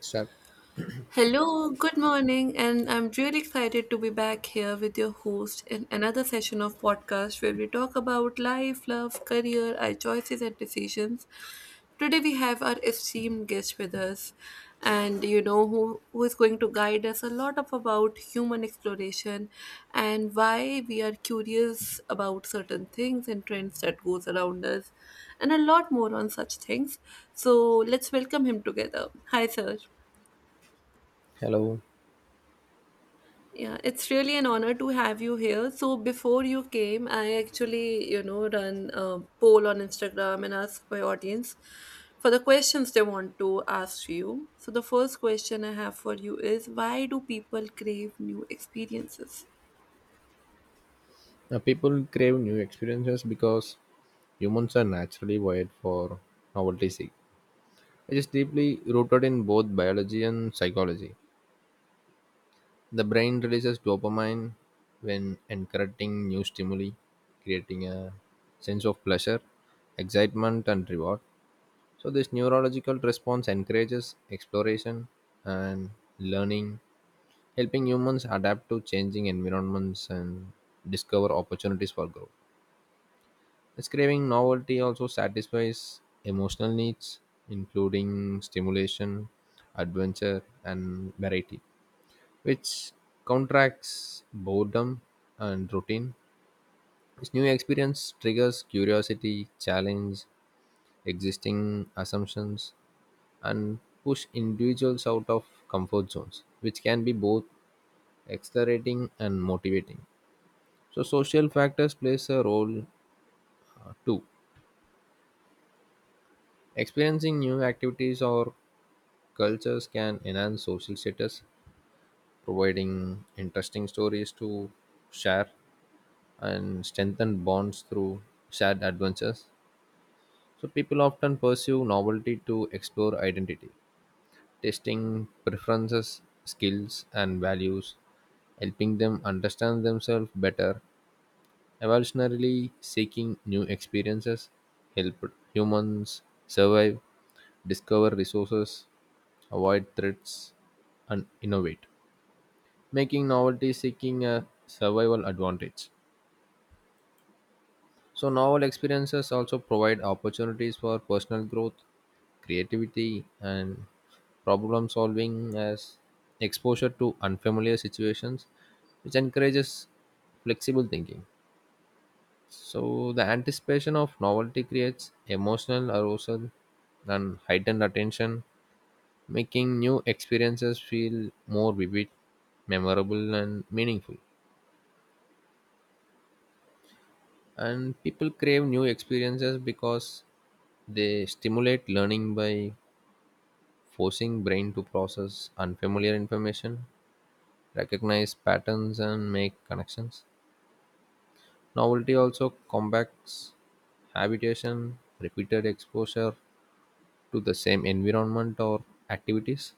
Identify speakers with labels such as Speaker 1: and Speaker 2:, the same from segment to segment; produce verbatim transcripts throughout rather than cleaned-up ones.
Speaker 1: Sir,
Speaker 2: Hello, good morning, and I'm really excited to be back here with your host in another session of podcast where we talk about life, love, career, our choices and decisions. Today we have our esteemed guest with us, and you know who who is going to guide us a lot of about human exploration and why we are curious about certain things and trends that goes around us, and a lot more on such things. So let's welcome him together. Hi, sir.
Speaker 1: hello.
Speaker 2: Yeah, it's really an honor to have you here. So before you came, I actually, you know, run a poll on Instagram and ask my audience for the questions they want to ask you. So the first question I have for you is why do people crave new experiences?
Speaker 1: Uh, people crave new experiences because humans are naturally wired for novelty seek. It is deeply rooted in both biology and psychology. The brain releases dopamine when encountering new stimuli, creating a sense of pleasure, excitement, and reward. So, this neurological response encourages exploration and learning, helping humans adapt to changing environments and discover opportunities for growth. Describing novelty also satisfies emotional needs, including stimulation, adventure, and variety, which counteracts boredom and routine. This new experience triggers curiosity, challenge existing assumptions, and push individuals out of comfort zones, which can be both exhilarating and motivating. So, social factors plays a role uh, too. Experiencing new activities or cultures can enhance social status, providing interesting stories to share and strengthen bonds through shared adventures. So, people often pursue novelty to explore identity, testing preferences, skills, and values, helping them understand themselves better. Evolutionarily seeking new experiences helped humans survive, discover resources, avoid threats, and innovate, making novelty seeking a survival advantage. So, novel experiences also provide opportunities for personal growth, creativity, and problem solving as exposure to unfamiliar situations, which encourages flexible thinking. So, the anticipation of novelty creates emotional arousal and heightened attention, making new experiences feel more vivid, memorable, and meaningful. And people crave new experiences because they stimulate learning by forcing brain to process unfamiliar information, recognize patterns, and make connections. Novelty also combats habitation. Repeated exposure to the same environment or activities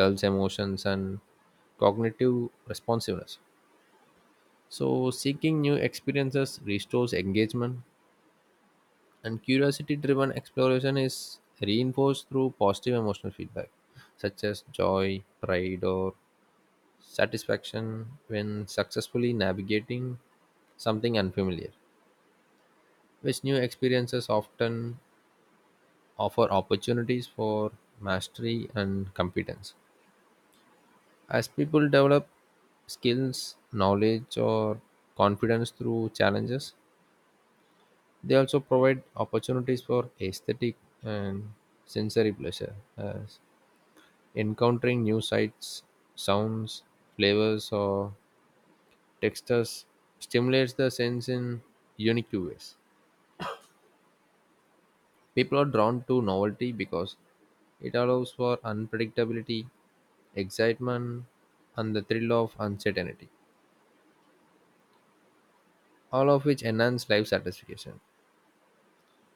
Speaker 1: dulls emotions and cognitive responsiveness, so seeking new experiences restores engagement. And curiosity driven exploration is reinforced through positive emotional feedback, such as joy, pride, or satisfaction when successfully navigating something unfamiliar, which new experiences often offer opportunities for mastery and competence. As people develop skills, knowledge, or confidence through challenges, they also provide opportunities for aesthetic and sensory pleasure, as encountering new sights, sounds, flavors, or textures stimulates the sense in unique ways. People are drawn to novelty because it allows for unpredictability, excitement, and the thrill of uncertainty, all of which enhance life satisfaction.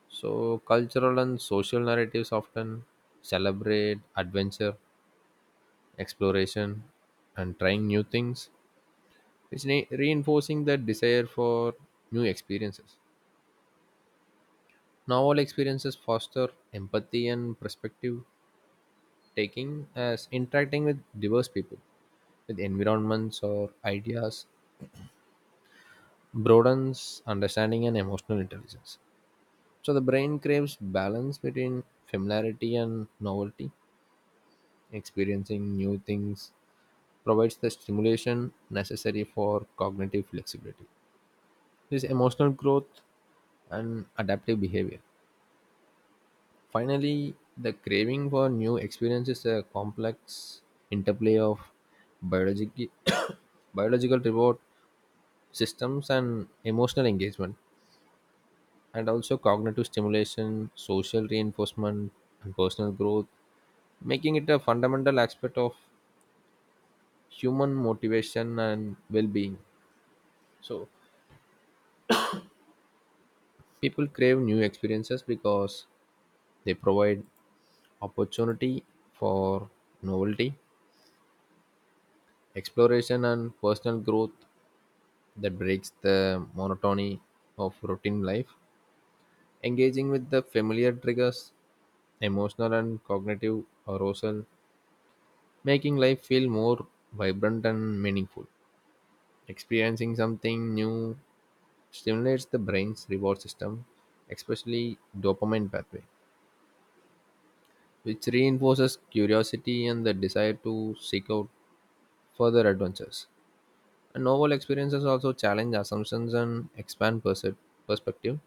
Speaker 1: So, cultural and social narratives often celebrate adventure, exploration, and trying new things, It's ne- reinforcing the desire for new experiences. Now, all experiences foster empathy and perspective taking as interacting with diverse people, with environments or ideas, broadens understanding and emotional intelligence. So, the brain craves balance between familiarity and novelty. Experiencing new things provides the stimulation necessary for cognitive flexibility. This emotional growth and adaptive behavior. Finally, the craving for new experiences is a complex interplay of biologic- biological reward systems and emotional engagement, and also cognitive stimulation, social reinforcement, and personal growth, making it a fundamental aspect of human motivation and well being. So, people crave new experiences because they provide opportunity for novelty, exploration, and personal growth that breaks the monotony of routine life. Engaging with the familiar triggers, emotional and cognitive arousal, making life feel more vibrant and meaningful. Experiencing something new stimulates the brain's reward system, especially dopamine pathway, which reinforces curiosity and the desire to seek out further adventures. Novel experiences also challenge assumptions and expand perse- perspective,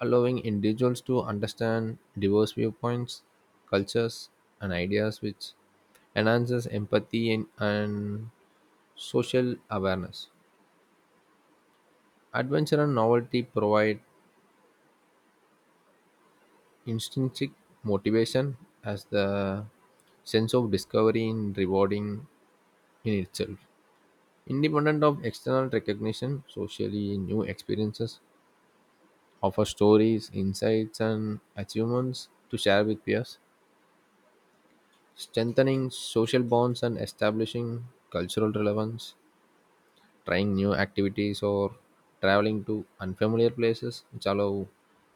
Speaker 1: allowing individuals to understand diverse viewpoints, cultures, and ideas, which enhances empathy and, and social awareness. Adventure and novelty provide intrinsic motivation as the sense of discovery in rewarding in itself. Independent of external recognition, socially new experiences offer stories, insights, and achievements to share with peers, strengthening social bonds and establishing cultural relevance, trying new activities, or traveling to unfamiliar places, which allow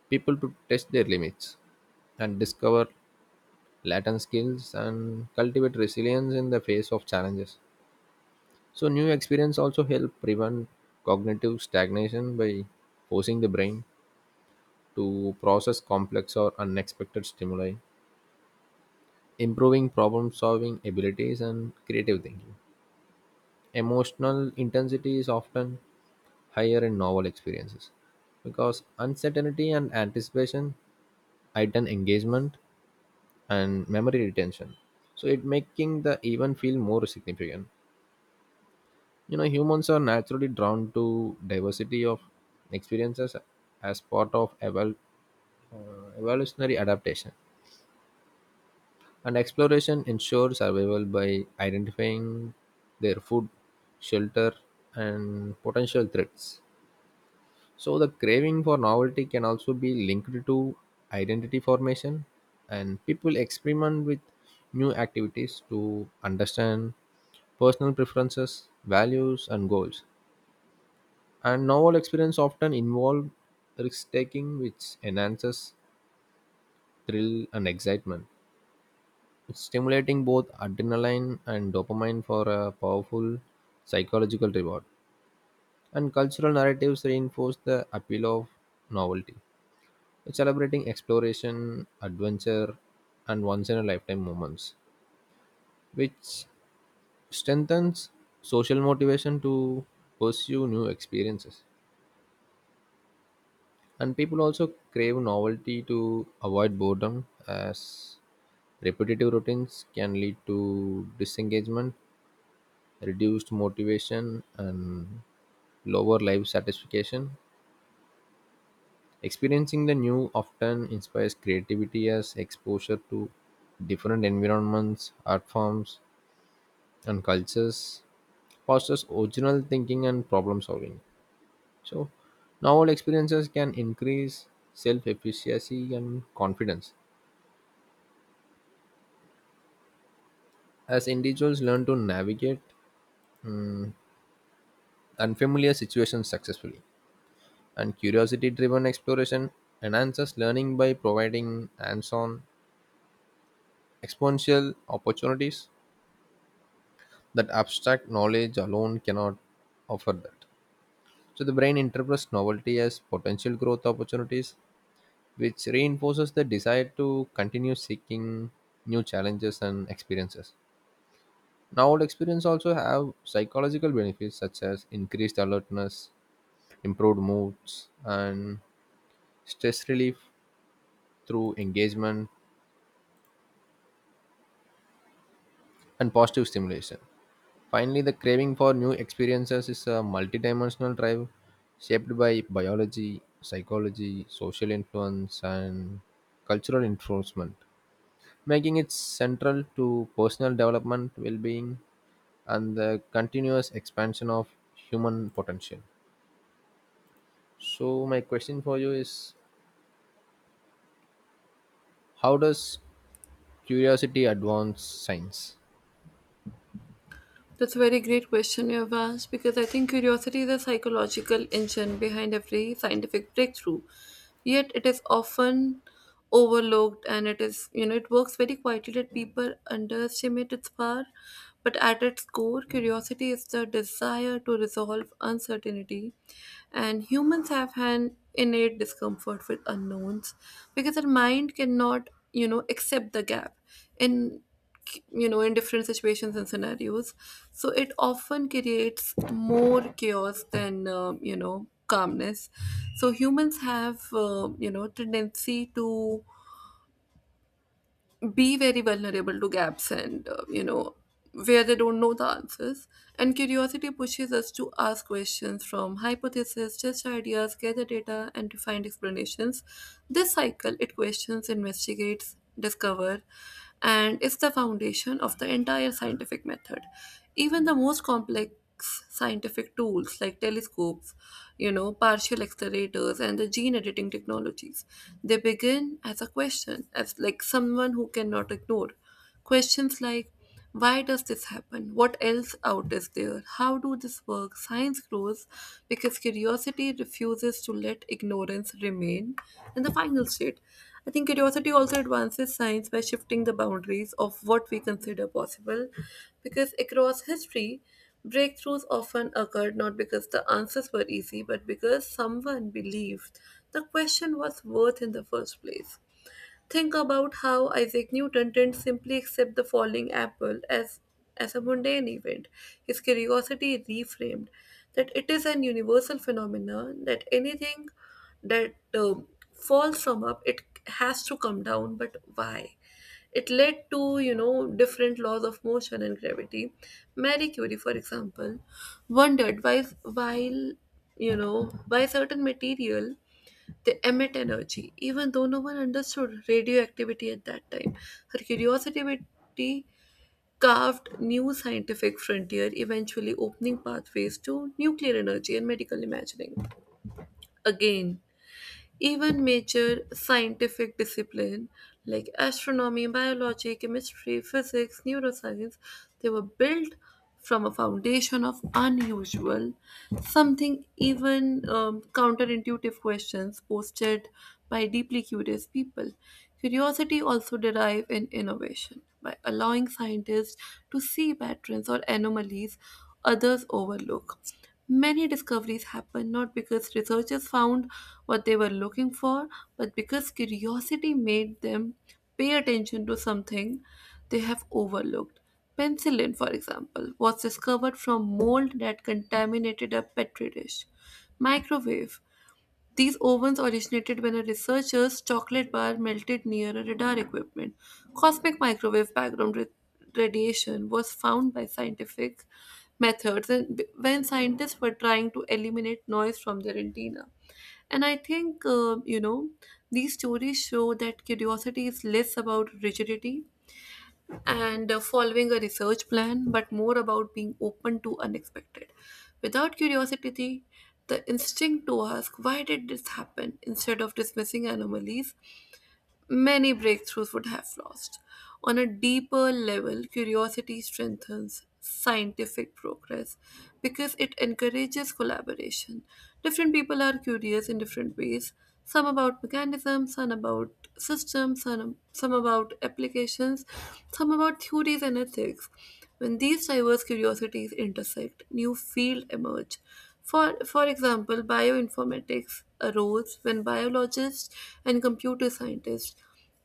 Speaker 1: people to test their limits and discover latent skills and cultivate resilience in the face of challenges. So, new experience also help prevent cognitive stagnation by forcing the brain to process complex or unexpected stimuli, improving problem-solving abilities and creative thinking. Emotional intensity is often higher in novel experiences because uncertainty and anticipation heighten engagement and memory retention. So it making the event feel more significant. You know, humans are naturally drawn to diversity of experiences as part of evol- uh, evolutionary adaptation. And exploration ensures survival by identifying their food, shelter, and potential threats. So, the craving for novelty can also be linked to identity formation, and people experiment with new activities to understand personal preferences, values, and goals. And novel experience often involve risk taking, which enhances thrill and excitement, stimulating both adrenaline and dopamine for a powerful psychological reward. And cultural narratives reinforce the appeal of novelty, celebrating exploration, adventure, and once in a lifetime moments, which strengthens social motivation to pursue new experiences. And people also crave novelty to avoid boredom, as repetitive routines can lead to disengagement, reduced motivation, and lower life satisfaction. Experiencing the new often inspires creativity as exposure to different environments, art forms, and cultures fosters original thinking and problem solving. So, novel experiences can increase self efficacy and confidence as individuals learn to navigate mm, unfamiliar situations successfully. And curiosity driven exploration enhances learning by providing hands on exponential opportunities that abstract knowledge alone cannot offer that. So the brain interprets novelty as potential growth opportunities, which reinforces the desire to continue seeking new challenges and experiences. Now, old experience also have psychological benefits such as increased alertness, improved moods, and stress relief through engagement and positive stimulation. Finally, the craving for new experiences is a multidimensional drive shaped by biology, psychology, social influence, and cultural enforcement, making it central to personal development, well being, and the continuous expansion of human potential. So, my question for you is, how does curiosity advance science?
Speaker 2: That's a very great question you have asked because I think curiosity is a psychological engine behind every scientific breakthrough. Yet it is often overlooked and it is, you know, it works very quietly that people underestimate its power. But at its core, curiosity is the desire to resolve uncertainty. And humans have an innate discomfort with unknowns because our mind cannot, you know, accept the gap. In You know, in different situations and scenarios, so it often creates more chaos than um, you know, calmness. So humans have uh, you know, tendency to be very vulnerable to gaps and uh, you know, where they don't know the answers. And curiosity pushes us to ask questions, from hypothesis, test ideas, gather data, and to find explanations. This cycle, it questions, investigates, discover, and is the foundation of the entire scientific method. Even the most complex scientific tools like telescopes, you know, partial accelerators and the gene editing technologies, they begin as a question, as like someone who cannot ignore. Questions like why does this happen? What else out is there? How do this work? Science grows because curiosity refuses to let ignorance remain in the final state. I think curiosity also advances science by shifting the boundaries of what we consider possible because across history, breakthroughs often occurred not because the answers were easy but because someone believed the question was worth in the first place. Think about how Isaac Newton didn't simply accept the falling apple as, as a mundane event. His curiosity reframed that it is an universal phenomenon, that anything that um, falls from up, it has to come down, but why? It led to, you know, different laws of motion and gravity. Marie Curie, for example, wondered why, while, you know, why certain material they emit energy, even though no one understood radioactivity at that time. Her curiosity carved new scientific frontier, eventually opening pathways to nuclear energy and medical imagining. Again, even major scientific disciplines like astronomy, biology, chemistry, physics, neuroscience, they were built from a foundation of unusual, something even um, counterintuitive questions posted by deeply curious people. Curiosity also derives in innovation by allowing scientists to see patterns or anomalies others overlook. Many discoveries happen not because researchers found what they were looking for, but because curiosity made them pay attention to something they have overlooked. Penicillin, for example, was discovered from mold that contaminated a petri dish. Microwave. These ovens originated when a researcher's chocolate bar melted near a radar equipment. Cosmic microwave background ra- radiation was found by scientific methods and when scientists were trying to eliminate noise from their antenna. And I think, uh, you know, these stories show that curiosity is less about rigidity and uh, following a research plan, but more about being open to unexpected. Without curiosity, the instinct to ask, why did this happen, instead of dismissing anomalies, many breakthroughs would have lost. On a deeper level, curiosity strengthens scientific progress because it encourages collaboration. Different people are curious in different ways, some about mechanisms, some about systems, some, some about applications, some about theories and ethics. When these diverse curiosities intersect, new fields emerge. For, for example, bioinformatics arose when biologists and computer scientists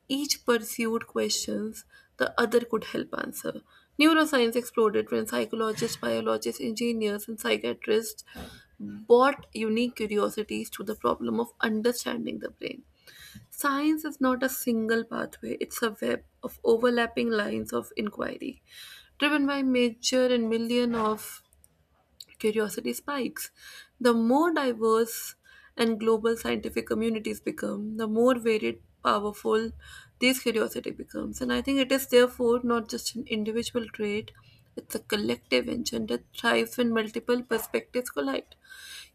Speaker 2: each pursued questions the other could help answer. Neuroscience exploded when psychologists, biologists, engineers, and psychiatrists brought unique curiosities to the problem of understanding the brain. Science is not a single pathway, it's a web of overlapping lines of inquiry, driven by nature and million of curiosity spikes. The more diverse and global scientific communities become, the more varied, powerful this curiosity becomes. And I think it is therefore not just an individual trait, it's a collective engine that thrives when multiple perspectives collide.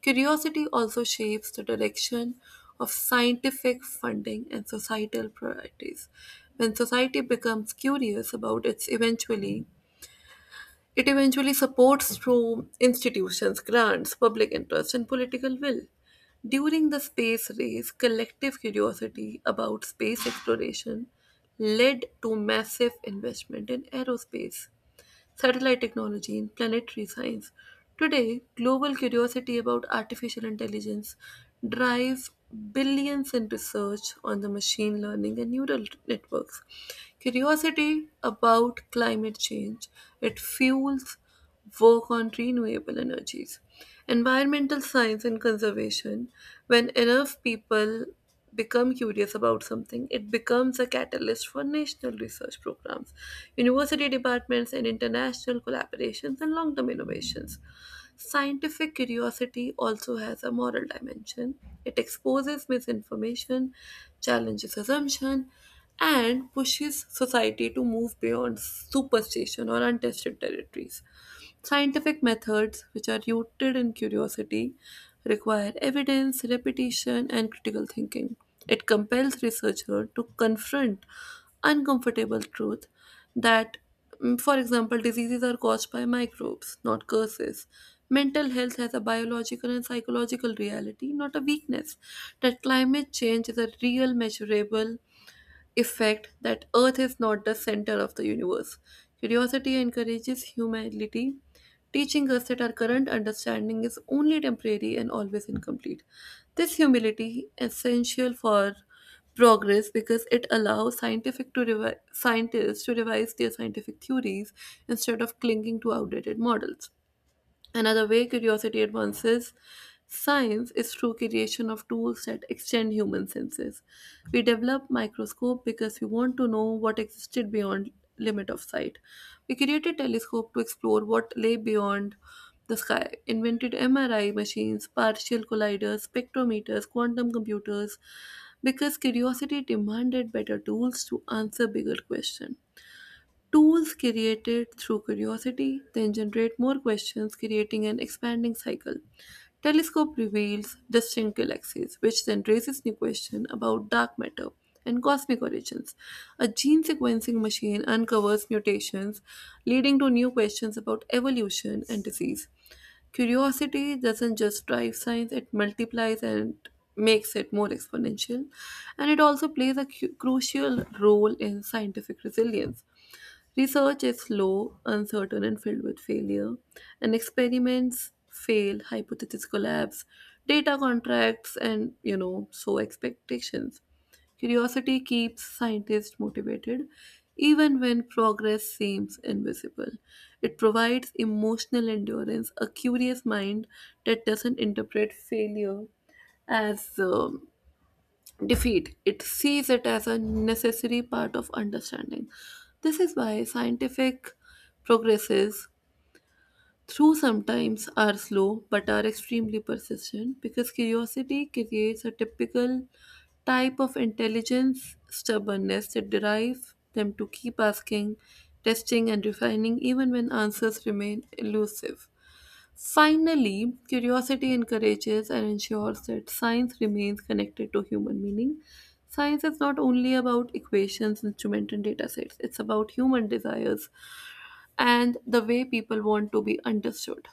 Speaker 2: Curiosity also shapes the direction of scientific funding and societal priorities. When society becomes curious about its eventually, it eventually supports through institutions, grants, public interest, and political will. During the space race, collective curiosity about space exploration led to massive investment in aerospace, satellite technology, and planetary science. Today, global curiosity about artificial intelligence drives billions in research on the machine learning and neural networks. Curiosity about climate change, it fuels work on renewable energies, environmental science, and conservation. When enough people become curious about something, it becomes a catalyst for national research programs, university departments, and international collaborations and long term innovations. Scientific curiosity also has a moral dimension. It exposes misinformation, challenges assumption, and pushes society to move beyond superstition or untested territories. Scientific methods, which are rooted in curiosity, require evidence, repetition, and critical thinking. It compels researchers to confront uncomfortable truth that, mm, for example, diseases are caused by microbes, not curses. Mental health has a biological and psychological reality, not a weakness. That climate change is a real, measurable effect, that Earth is not the center of the universe. Curiosity encourages humility, teaching us that our current understanding is only temporary and always incomplete. This humility essential for progress because it allows scientific to revi- scientists to revise their scientific theories instead of clinging to outdated models. Another way curiosity advances science is through creation of tools that extend human senses. We develop microscope because we want to know what existed beyond limit of sight. We created telescope to explore what lay beyond the sky. Invented M R I machines, partial colliders, spectrometers, quantum computers because curiosity demanded better tools to answer bigger questions. Tools created through curiosity then generate more questions, creating an expanding cycle. Telescope reveals distant galaxies, which then raises new questions about dark matter and cosmic origins. A gene sequencing machine uncovers mutations, leading to new questions about evolution and disease. Curiosity doesn't just drive science, it multiplies and makes it more exponential. And it also plays a cu- crucial role in scientific resilience. Research is slow, uncertain, and filled with failure, and experiments fail, hypotheses collapse, data contracts, and you know, so expectations. Curiosity keeps scientists motivated even when progress seems invisible. It provides emotional endurance, a curious mind that doesn't interpret failure as um, defeat. It sees it as a necessary part of understanding. This is why scientific progresses through sometimes are slow but are extremely persistent because curiosity creates a typical type of intelligence stubbornness that derive them to keep asking, testing and refining even when answers remain elusive. Finally, curiosity encourages and ensures that science remains connected to human meaning. Science is not only about equations, instruments, and data sets, it's about human desires and the way people want to be understood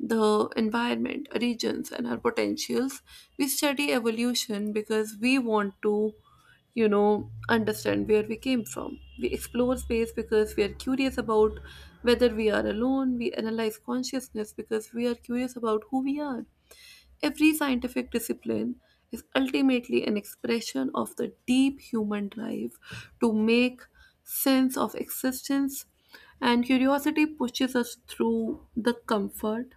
Speaker 2: the environment, regions, and our potentials. We study evolution because we want to, you know, understand where we came from. We explore space because we are curious about whether we are alone. We analyze consciousness because we are curious about who we are. Every scientific discipline is ultimately an expression of the deep human drive to make sense of existence, and curiosity pushes us through the comfort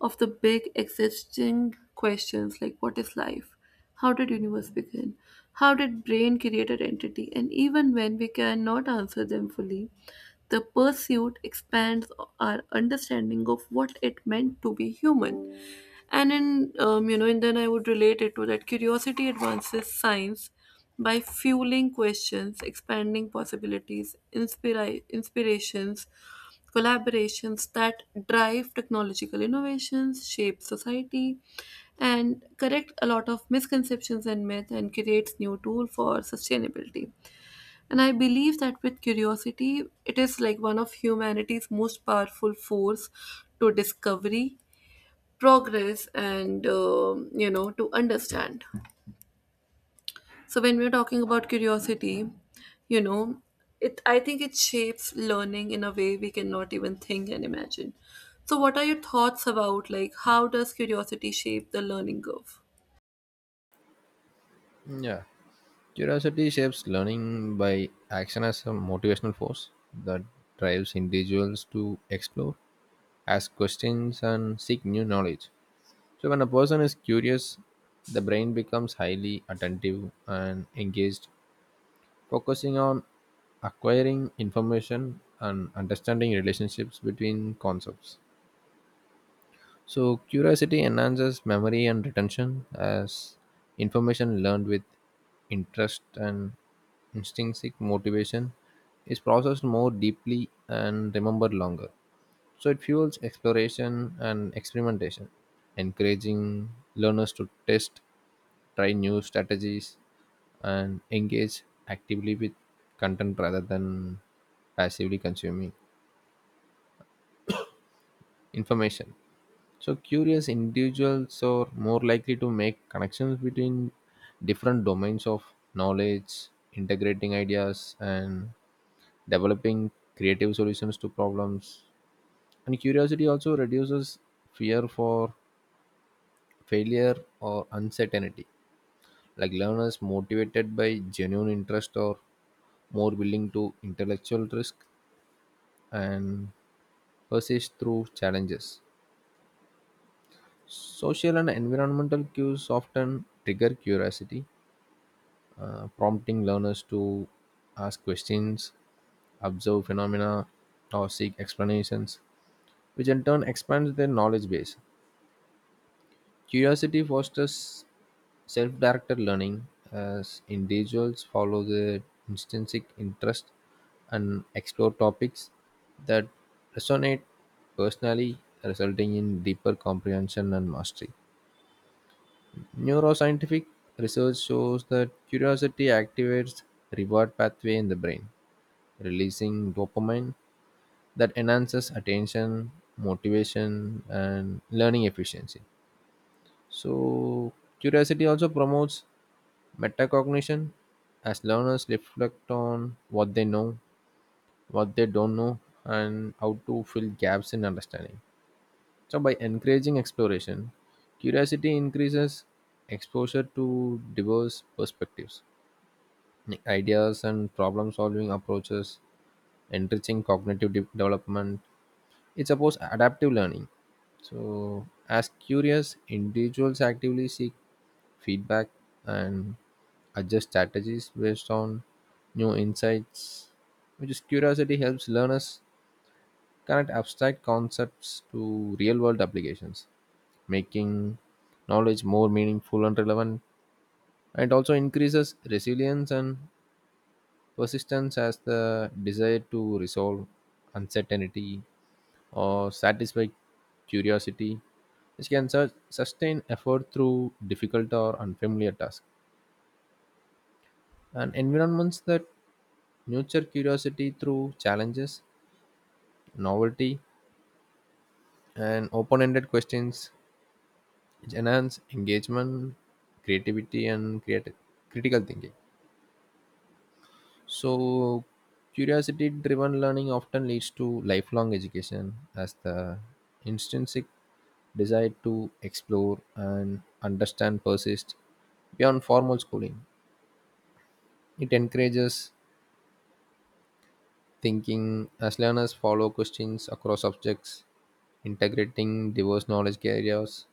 Speaker 2: of the big existing questions like what is life, how did universe begin, how did brain create identity, and even when we cannot answer them fully, the pursuit expands our understanding of what it meant to be human. And in um, you know, and then I would relate it to that curiosity advances science by fueling questions, expanding possibilities, inspira- inspirations, collaborations that drive technological innovations, shape society, and correct a lot of misconceptions and myth, and creates new tool for sustainability. And I believe that with curiosity it is like one of humanity's most powerful force to discovery, progress, and um, you know, to understand. So when we're talking about curiosity, you know, it, I think it shapes learning in a way we cannot even think and imagine. So what are your thoughts about, like, how does curiosity shape the learning curve?
Speaker 1: Yeah. Curiosity shapes learning by action as a motivational force that drives individuals to explore, ask questions, and seek new knowledge. So, when a person is curious, the brain becomes highly attentive and engaged, focusing on acquiring information and understanding relationships between concepts. So, curiosity enhances memory and retention as information learned with interest and intrinsic motivation is processed more deeply and remembered longer. So, it fuels exploration and experimentation, encouraging learners to test, try new strategies, and engage actively with content rather than passively consuming information. So, curious individuals are more likely to make connections between different domains of knowledge, integrating ideas, and developing creative solutions to problems. And curiosity also reduces fear for failure or uncertainty. Like learners motivated by genuine interest or more willing to intellectual risk and persist through challenges. Social and environmental cues often trigger curiosity, uh, prompting learners to ask questions, observe phenomena, or seek explanations, which in turn expands their knowledge base. Curiosity fosters self directed learning as individuals follow their intrinsic interest and explore topics that resonate personally, resulting in deeper comprehension and mastery. Neuroscientific research shows that curiosity activates reward pathway in the brain, releasing dopamine that enhances attention, motivation, and learning efficiency. So, curiosity also promotes metacognition as learners reflect on what they know, what they don't know, and how to fill gaps in understanding. So by encouraging exploration, curiosity increases exposure to diverse perspectives, like ideas and problem solving approaches, enriching cognitive de- development. It supports adaptive learning. So as curious individuals actively seek feedback and adjust strategies based on new insights, which is curiosity helps learners connect abstract concepts to real world applications, making knowledge more meaningful and relevant. And it also increases resilience and persistence as the desire to resolve uncertainty or satisfy curiosity, which can su- sustain effort through difficult or unfamiliar tasks. And environments that nurture curiosity through challenges, novelty, and open ended questions which enhance engagement, creativity, and creati- critical thinking. So, curiosity driven learning often leads to lifelong education as the intrinsic desire to explore and understand persists beyond formal schooling. It encourages thinking as learners follow questions across subjects, integrating diverse knowledge areas,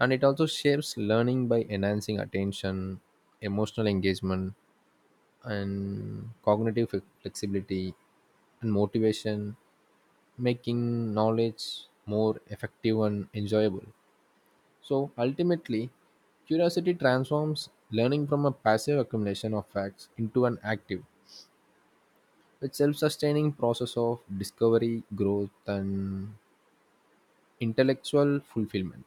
Speaker 1: and it also shapes learning by enhancing attention, emotional engagement, and cognitive flexibility and motivation, making knowledge more effective and enjoyable. So ultimately, curiosity transforms learning from a passive accumulation of facts into an active, a self sustaining process of discovery, growth, and intellectual fulfillment.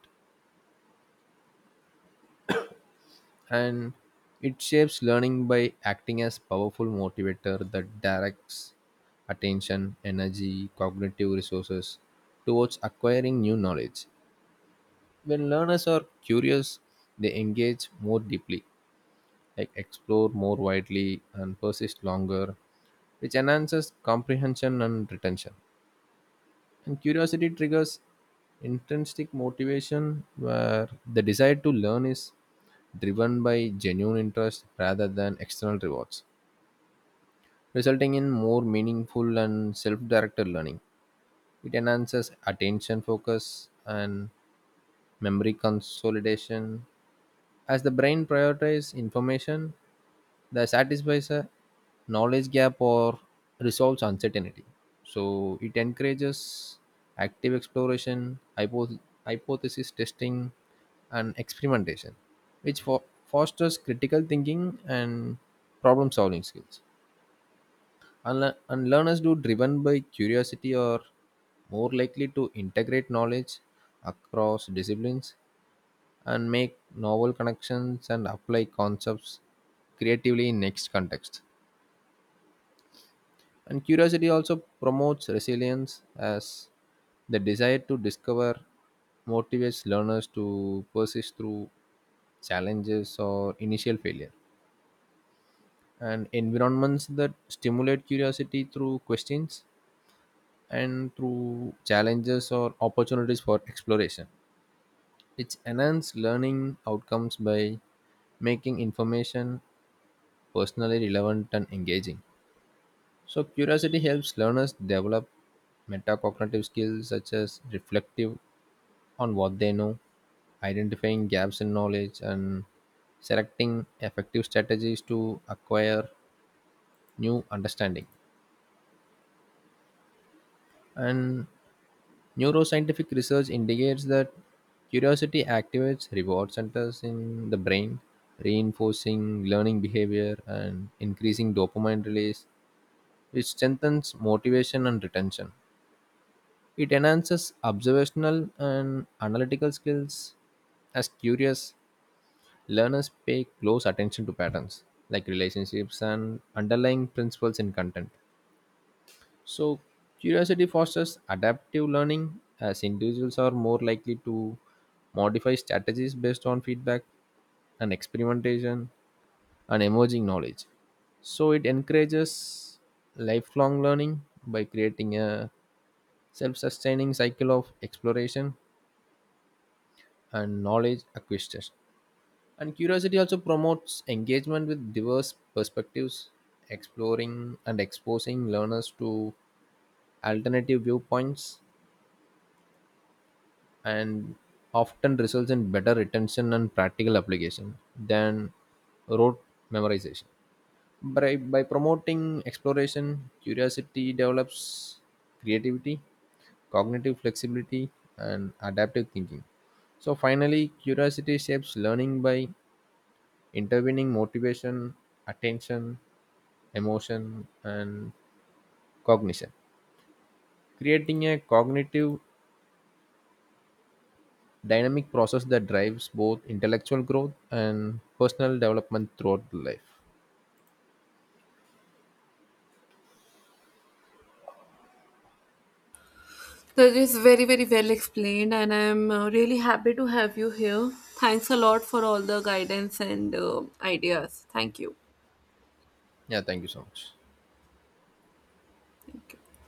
Speaker 1: And it shapes learning by acting as powerful motivator that directs attention, energy, cognitive resources towards acquiring new knowledge. When learners are curious, they engage more deeply, like explore more widely and persist longer, which enhances comprehension and retention. And curiosity triggers intrinsic motivation where the desire to learn is driven by genuine interest rather than external rewards, resulting in more meaningful and self-directed learning. It enhances attention focus and memory consolidation as the brain prioritizes information that satisfies a knowledge gap or resolves uncertainty. So it encourages active exploration, hypo- hypothesis testing, and experimentation, which fo- fosters critical thinking and problem solving skills. Unle- and learners do driven by curiosity are more likely to integrate knowledge across disciplines and make novel connections and apply concepts creatively in next context. And curiosity also promotes resilience as the desire to discover motivates learners to persist through challenges or initial failure. And environments that stimulate curiosity through questions and through challenges or opportunities for exploration, which enhance learning outcomes by making information personally relevant and engaging. So, curiosity helps learners develop metacognitive skills such as reflective on what they know, identifying gaps in knowledge, and selecting effective strategies to acquire new understanding. And neuroscientific research indicates that curiosity activates reward centers in the brain, reinforcing learning behavior and increasing dopamine release, which strengthens motivation and retention. It enhances observational and analytical skills as curious learners pay close attention to patterns like relationships and underlying principles in content. So, curiosity fosters adaptive learning as individuals are more likely to modify strategies based on feedback and experimentation and emerging knowledge. So, it encourages lifelong learning by creating a self sustaining cycle of exploration and knowledge acquisition. And curiosity also promotes engagement with diverse perspectives, exploring and exposing learners to alternative viewpoints, and often results in better retention and practical application than rote memorization. By, by promoting exploration, curiosity develops creativity, cognitive flexibility, and adaptive thinking. So, finally, curiosity shapes learning by intervening motivation, attention, emotion, and cognition, creating a cognitive dynamic process that drives both intellectual growth and personal development throughout life.
Speaker 2: That is very very well explained and I'm uh, really happy to have you here. Thanks a lot for all the guidance and uh, ideas. Thank you.
Speaker 1: Yeah, thank you so much.
Speaker 2: Thank you.